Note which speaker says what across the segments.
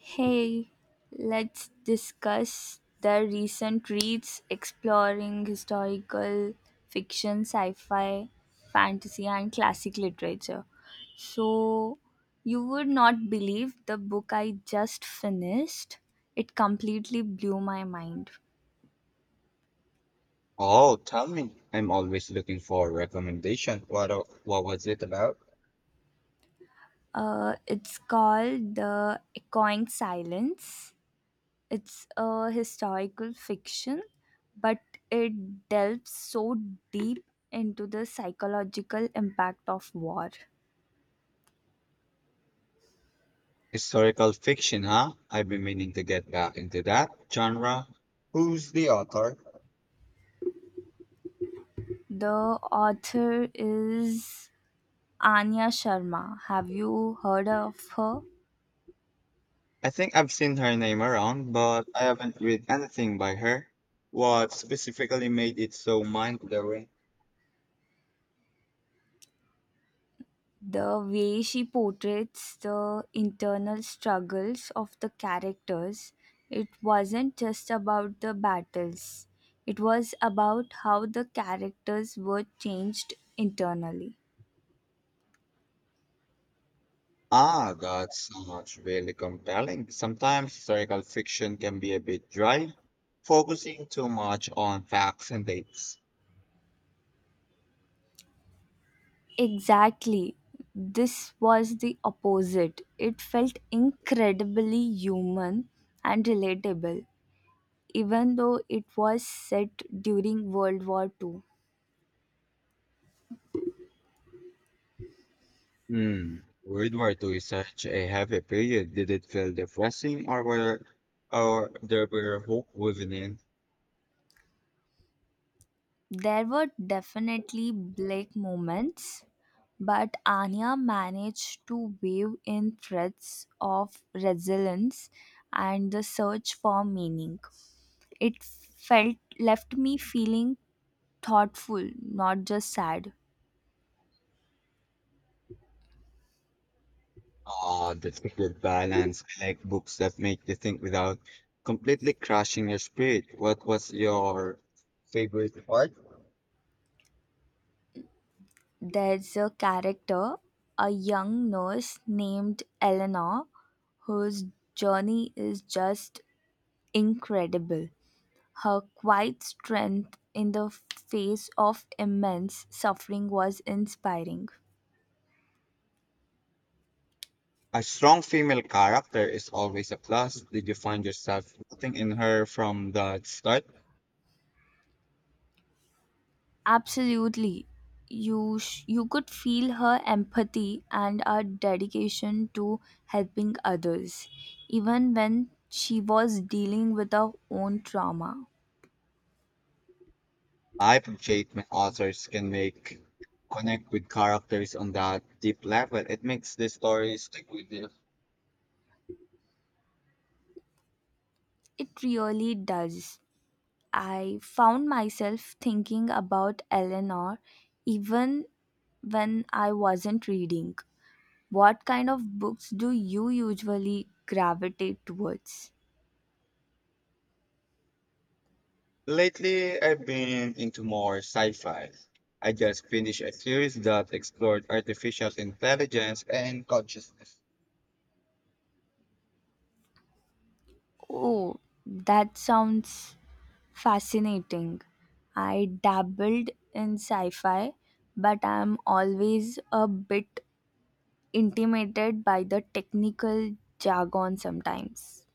Speaker 1: Hey, let's discuss the recent reads exploring historical fiction, sci fi, fantasy, and classic literature. So, you would not believe the book I just finished. It completely blew my mind.
Speaker 2: Oh, tell me. I'm always looking for a recommendation. What was it about?
Speaker 1: It's called The Echoing Silence. It's a historical fiction, but it delves so deep into the psychological impact of war.
Speaker 2: Historical fiction, huh? I've been meaning to get back into that genre. Who's the author?
Speaker 1: The author is Anya Sharma. Have you heard of her?
Speaker 2: I think I've seen her name around, but I haven't read anything by her. What specifically made it so mind-blowing?
Speaker 1: The way she portrays the internal struggles of the characters, it wasn't just about the battles, it was about how the characters were changed internally.
Speaker 2: Ah, that sounds really compelling. Sometimes historical fiction can be a bit dry, focusing too much on facts and dates.
Speaker 1: Exactly. This was the opposite. It felt incredibly human and relatable, even though it was set during World War Two.
Speaker 2: Hmm. World War Two is such a heavy period. Did it feel depressing or were or there were hope woven in?
Speaker 1: There were definitely black moments, but Anya managed to weave in threads of resilience and the search for meaning. It felt left me feeling thoughtful, not just sad.
Speaker 2: Ah, that's a good balance. I like books that make you think without completely crushing your spirit. What was your favorite part?
Speaker 1: There's a character, a young nurse named Eleanor, whose journey is just incredible. Her quiet strength in the face of immense suffering was inspiring.
Speaker 2: A strong female character is always a plus. Did you find yourself rooting in her from the start?
Speaker 1: Absolutely. You could feel her empathy and her dedication to helping others even when she was dealing with her own trauma.
Speaker 2: I appreciate when authors can make connect with characters on that deep level. It makes the story stick with you.
Speaker 1: It really does. I found myself thinking about Eleanor even when I wasn't reading. What kind of books do you usually gravitate towards?
Speaker 2: Lately, I've been into more sci-fi. I just finished a series that explored artificial intelligence and consciousness.
Speaker 1: Oh, that sounds fascinating. I dabbled in sci fi, but I'm always a bit intimidated by the technical jargon sometimes.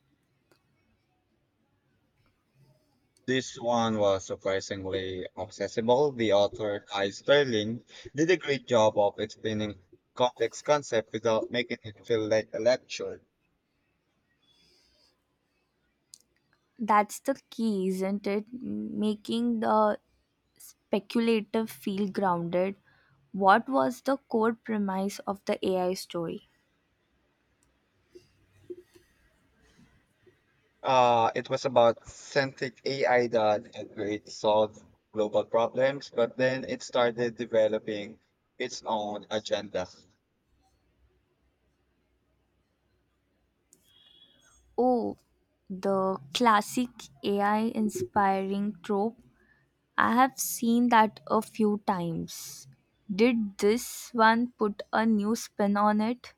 Speaker 2: This one was surprisingly accessible. The author, Kai Sterling, did a great job of explaining complex concepts without making it feel like a lecture.
Speaker 1: That's the key, isn't it? Making the speculative feel grounded. What was the core premise of the AI story?
Speaker 2: It was about synthetic AI that had great to solve global problems, but then it started developing its own agenda.
Speaker 1: Oh, the classic AI inspiring trope. I have seen that a few times. Did this one put a new spin on it?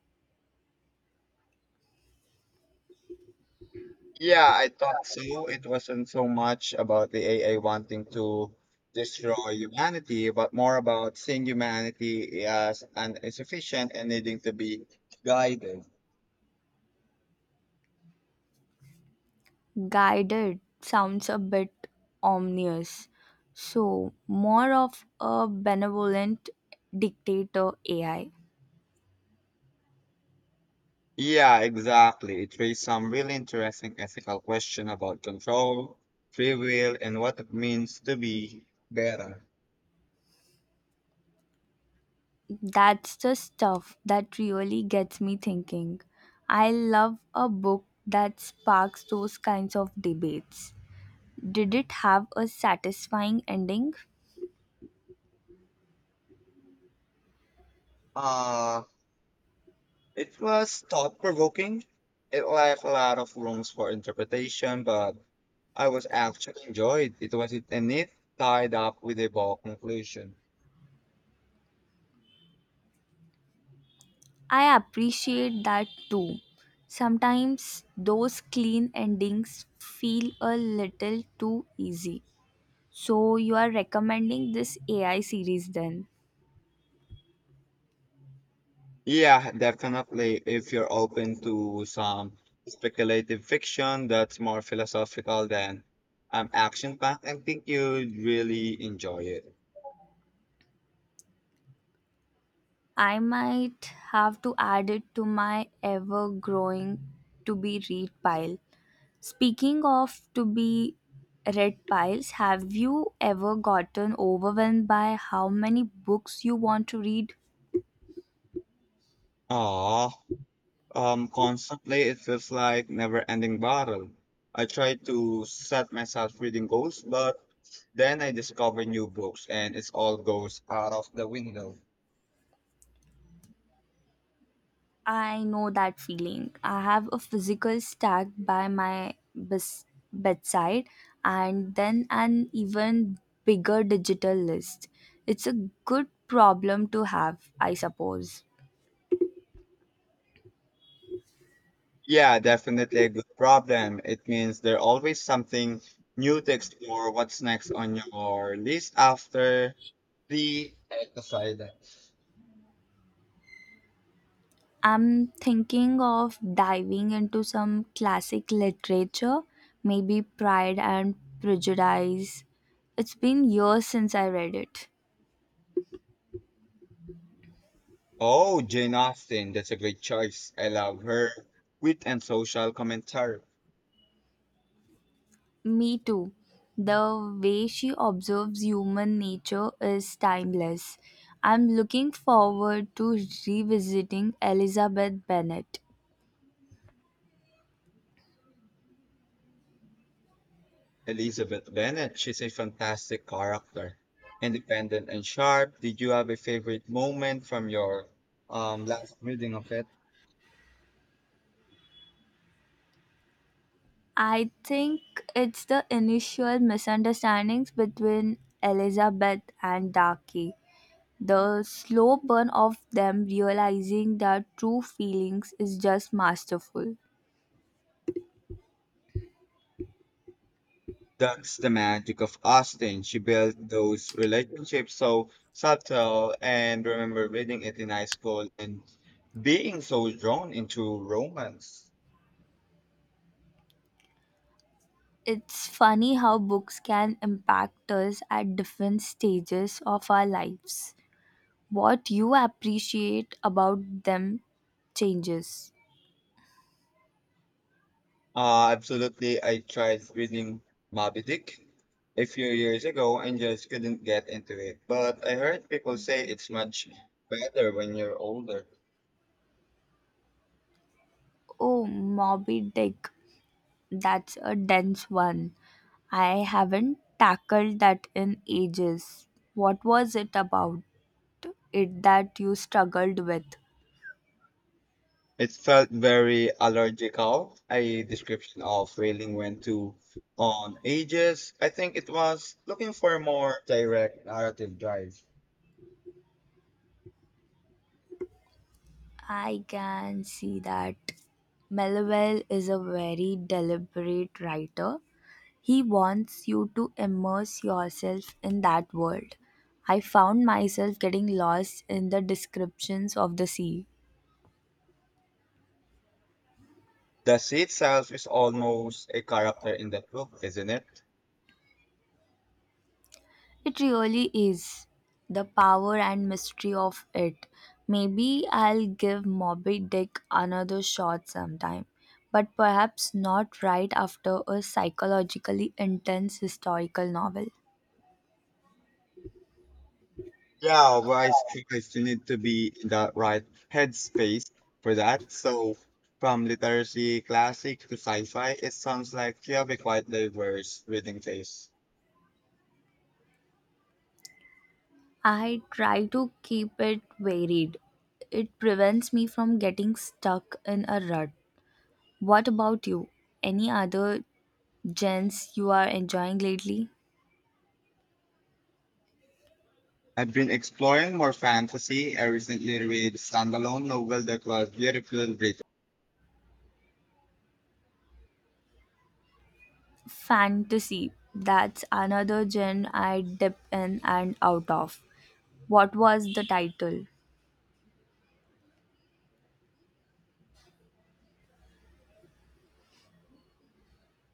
Speaker 2: Yeah, I thought so. It wasn't so much about the AI wanting to destroy humanity, but more about seeing humanity as an insufficient and needing to be guided.
Speaker 1: Guided sounds a bit ominous. So, more of a benevolent dictator AI.
Speaker 2: Yeah, exactly. It raised some really interesting ethical question about control, free will, and what it means to be better.
Speaker 1: That's the stuff that really gets me thinking. I love a book that sparks those kinds of debates. Did it have a satisfying ending?
Speaker 2: Uh, it was thought provoking. It left a lot of rooms for interpretation, but I was actually enjoyed. It was a neat tied up with a ball conclusion.
Speaker 1: I appreciate that too. Sometimes those clean endings feel a little too easy. So you are recommending this AI series then?
Speaker 2: Yeah, definitely. If you're open to some speculative fiction that's more philosophical than action packed, I think you'd really enjoy it.
Speaker 1: I might have to add it to my ever growing to be read pile. Speaking of to be read piles, have you ever gotten overwhelmed by how many books you want to read?
Speaker 2: Aw, constantly, it feels like never-ending battle. I try to set myself reading goals, but then I discover new books and it all goes out of the window.
Speaker 1: I know that feeling. I have a physical stack by my bes- bedside and then an even bigger digital list. It's a good problem to have, I suppose.
Speaker 2: Yeah, definitely a good problem. It means there's always something new to explore what's next on your list after the exercise.
Speaker 1: I'm thinking of diving into some classic literature, maybe Pride and Prejudice. It's been years since I read it.
Speaker 2: Oh, Jane Austen, that's a great choice. I love her wit and social commentary.
Speaker 1: Me too. The way she observes human nature is timeless. I'm looking forward to revisiting Elizabeth Bennet.
Speaker 2: Elizabeth Bennet, she's a fantastic character. Independent and sharp. Did you have a favorite moment from your last reading of it?
Speaker 1: I think it's the initial misunderstandings between Elizabeth and Darky. The slow burn of them realizing their true feelings is just masterful.
Speaker 2: That's the magic of Austen. She built those relationships so subtle and remember reading it in high school and being so drawn into romance.
Speaker 1: It's funny how books can impact us at different stages of our lives. What you appreciate about them changes.
Speaker 2: Absolutely. I tried reading Moby Dick a few years ago and just couldn't get into it. But I heard people say it's much better when you're older.
Speaker 1: Oh, Moby Dick, that's a dense one. I haven't tackled that in ages. What was it about it that you struggled with?
Speaker 2: It felt very allergical, a description of whaling went to on ages. I think it was looking for a more direct narrative drive.
Speaker 1: I can see that. Melville is a very deliberate writer. He wants you to immerse yourself in that world. I found myself getting lost in the descriptions of the sea.
Speaker 2: The sea itself is almost a character in that book, isn't it?
Speaker 1: It really is. The power and mystery of it. Maybe I'll give Moby Dick another shot sometime, but perhaps not right after a psychologically intense historical novel.
Speaker 2: Yeah, well, I think I still need to be in the right headspace for that. So, from literacy classic to sci-fi, it sounds like you have a quite diverse reading taste.
Speaker 1: I try to keep it varied. It prevents me from getting stuck in a rut. What about you? Any other gens you are enjoying lately?
Speaker 2: I've been exploring more fantasy. I recently read a standalone novel that was beautifully written.
Speaker 1: Fantasy, that's another gen I dip in and out of. What was the title?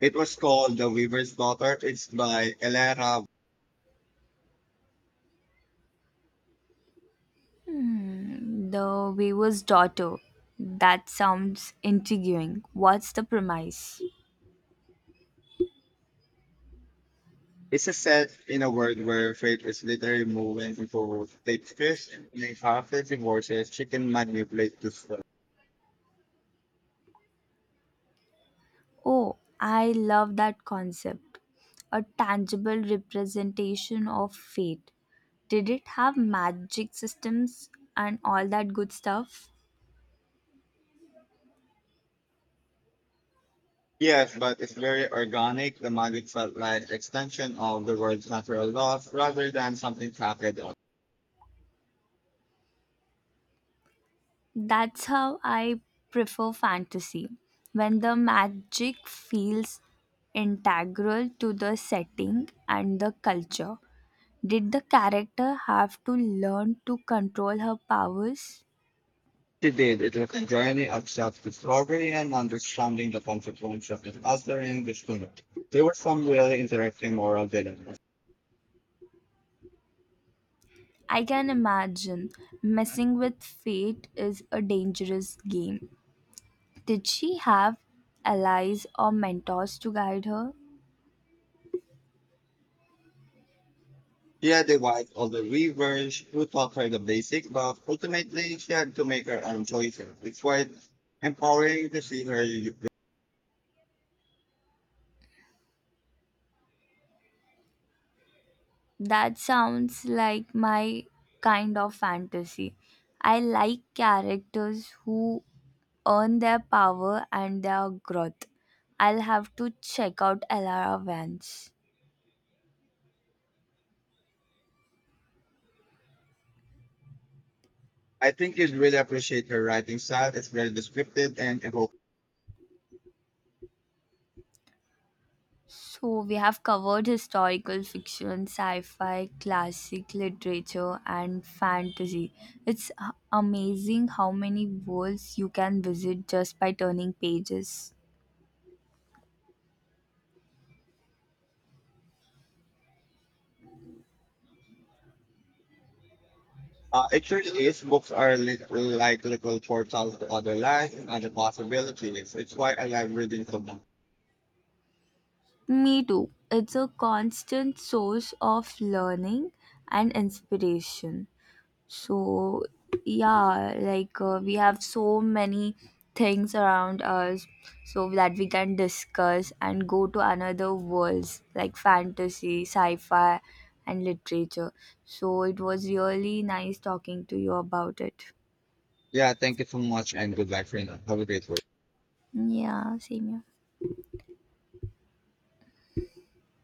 Speaker 2: It was called The Weaver's Daughter. It's by Elena.
Speaker 1: Hmm, the Weaver's Daughter. That sounds intriguing. What's the premise?
Speaker 2: It's a set in a world where fate is literally moving into deep fish and in half the divorces she can manipulate to.
Speaker 1: Oh, I love that concept. A tangible representation of fate. Did it have magic systems and all that good stuff?
Speaker 2: Yes, but it's very organic. The magic felt like extension of the world's natural laws rather than something packaged up.
Speaker 1: That's how I prefer fantasy, when the magic feels integral to the setting and the culture. Did the character have to learn to control her powers?
Speaker 2: She did. It was a journey of self-discovery and understanding the consequences of the altering the schooner. There were some really interesting moral dilemmas.
Speaker 1: I can imagine messing with fate is a dangerous game. Did she have allies or mentors to guide her?
Speaker 2: She had the wife of the weavers who taught her the basics, but ultimately she had to make her own choices. It's quite empowering to see her.
Speaker 1: That sounds like my kind of fantasy. I like characters who earn their power and their growth. I'll have to check out Elara Vance.
Speaker 2: I think you'd really appreciate her writing style. It's very descriptive and evocative.
Speaker 1: So, we have covered historical fiction, sci fi, classic literature, and fantasy. Amazing how many worlds you can visit just by turning pages.
Speaker 2: It sure is. Books are like little portals to other life and the possibilities. It's why I love reading so much.
Speaker 1: Me too. It's a constant source of learning and inspiration. So, we have so many things around us so that we can discuss and go to another worlds like fantasy, sci fi, and literature. So, it was really nice talking to you about it.
Speaker 2: Yeah, thank you so much and good luck, friend. Have a great week.
Speaker 1: Yeah, same here.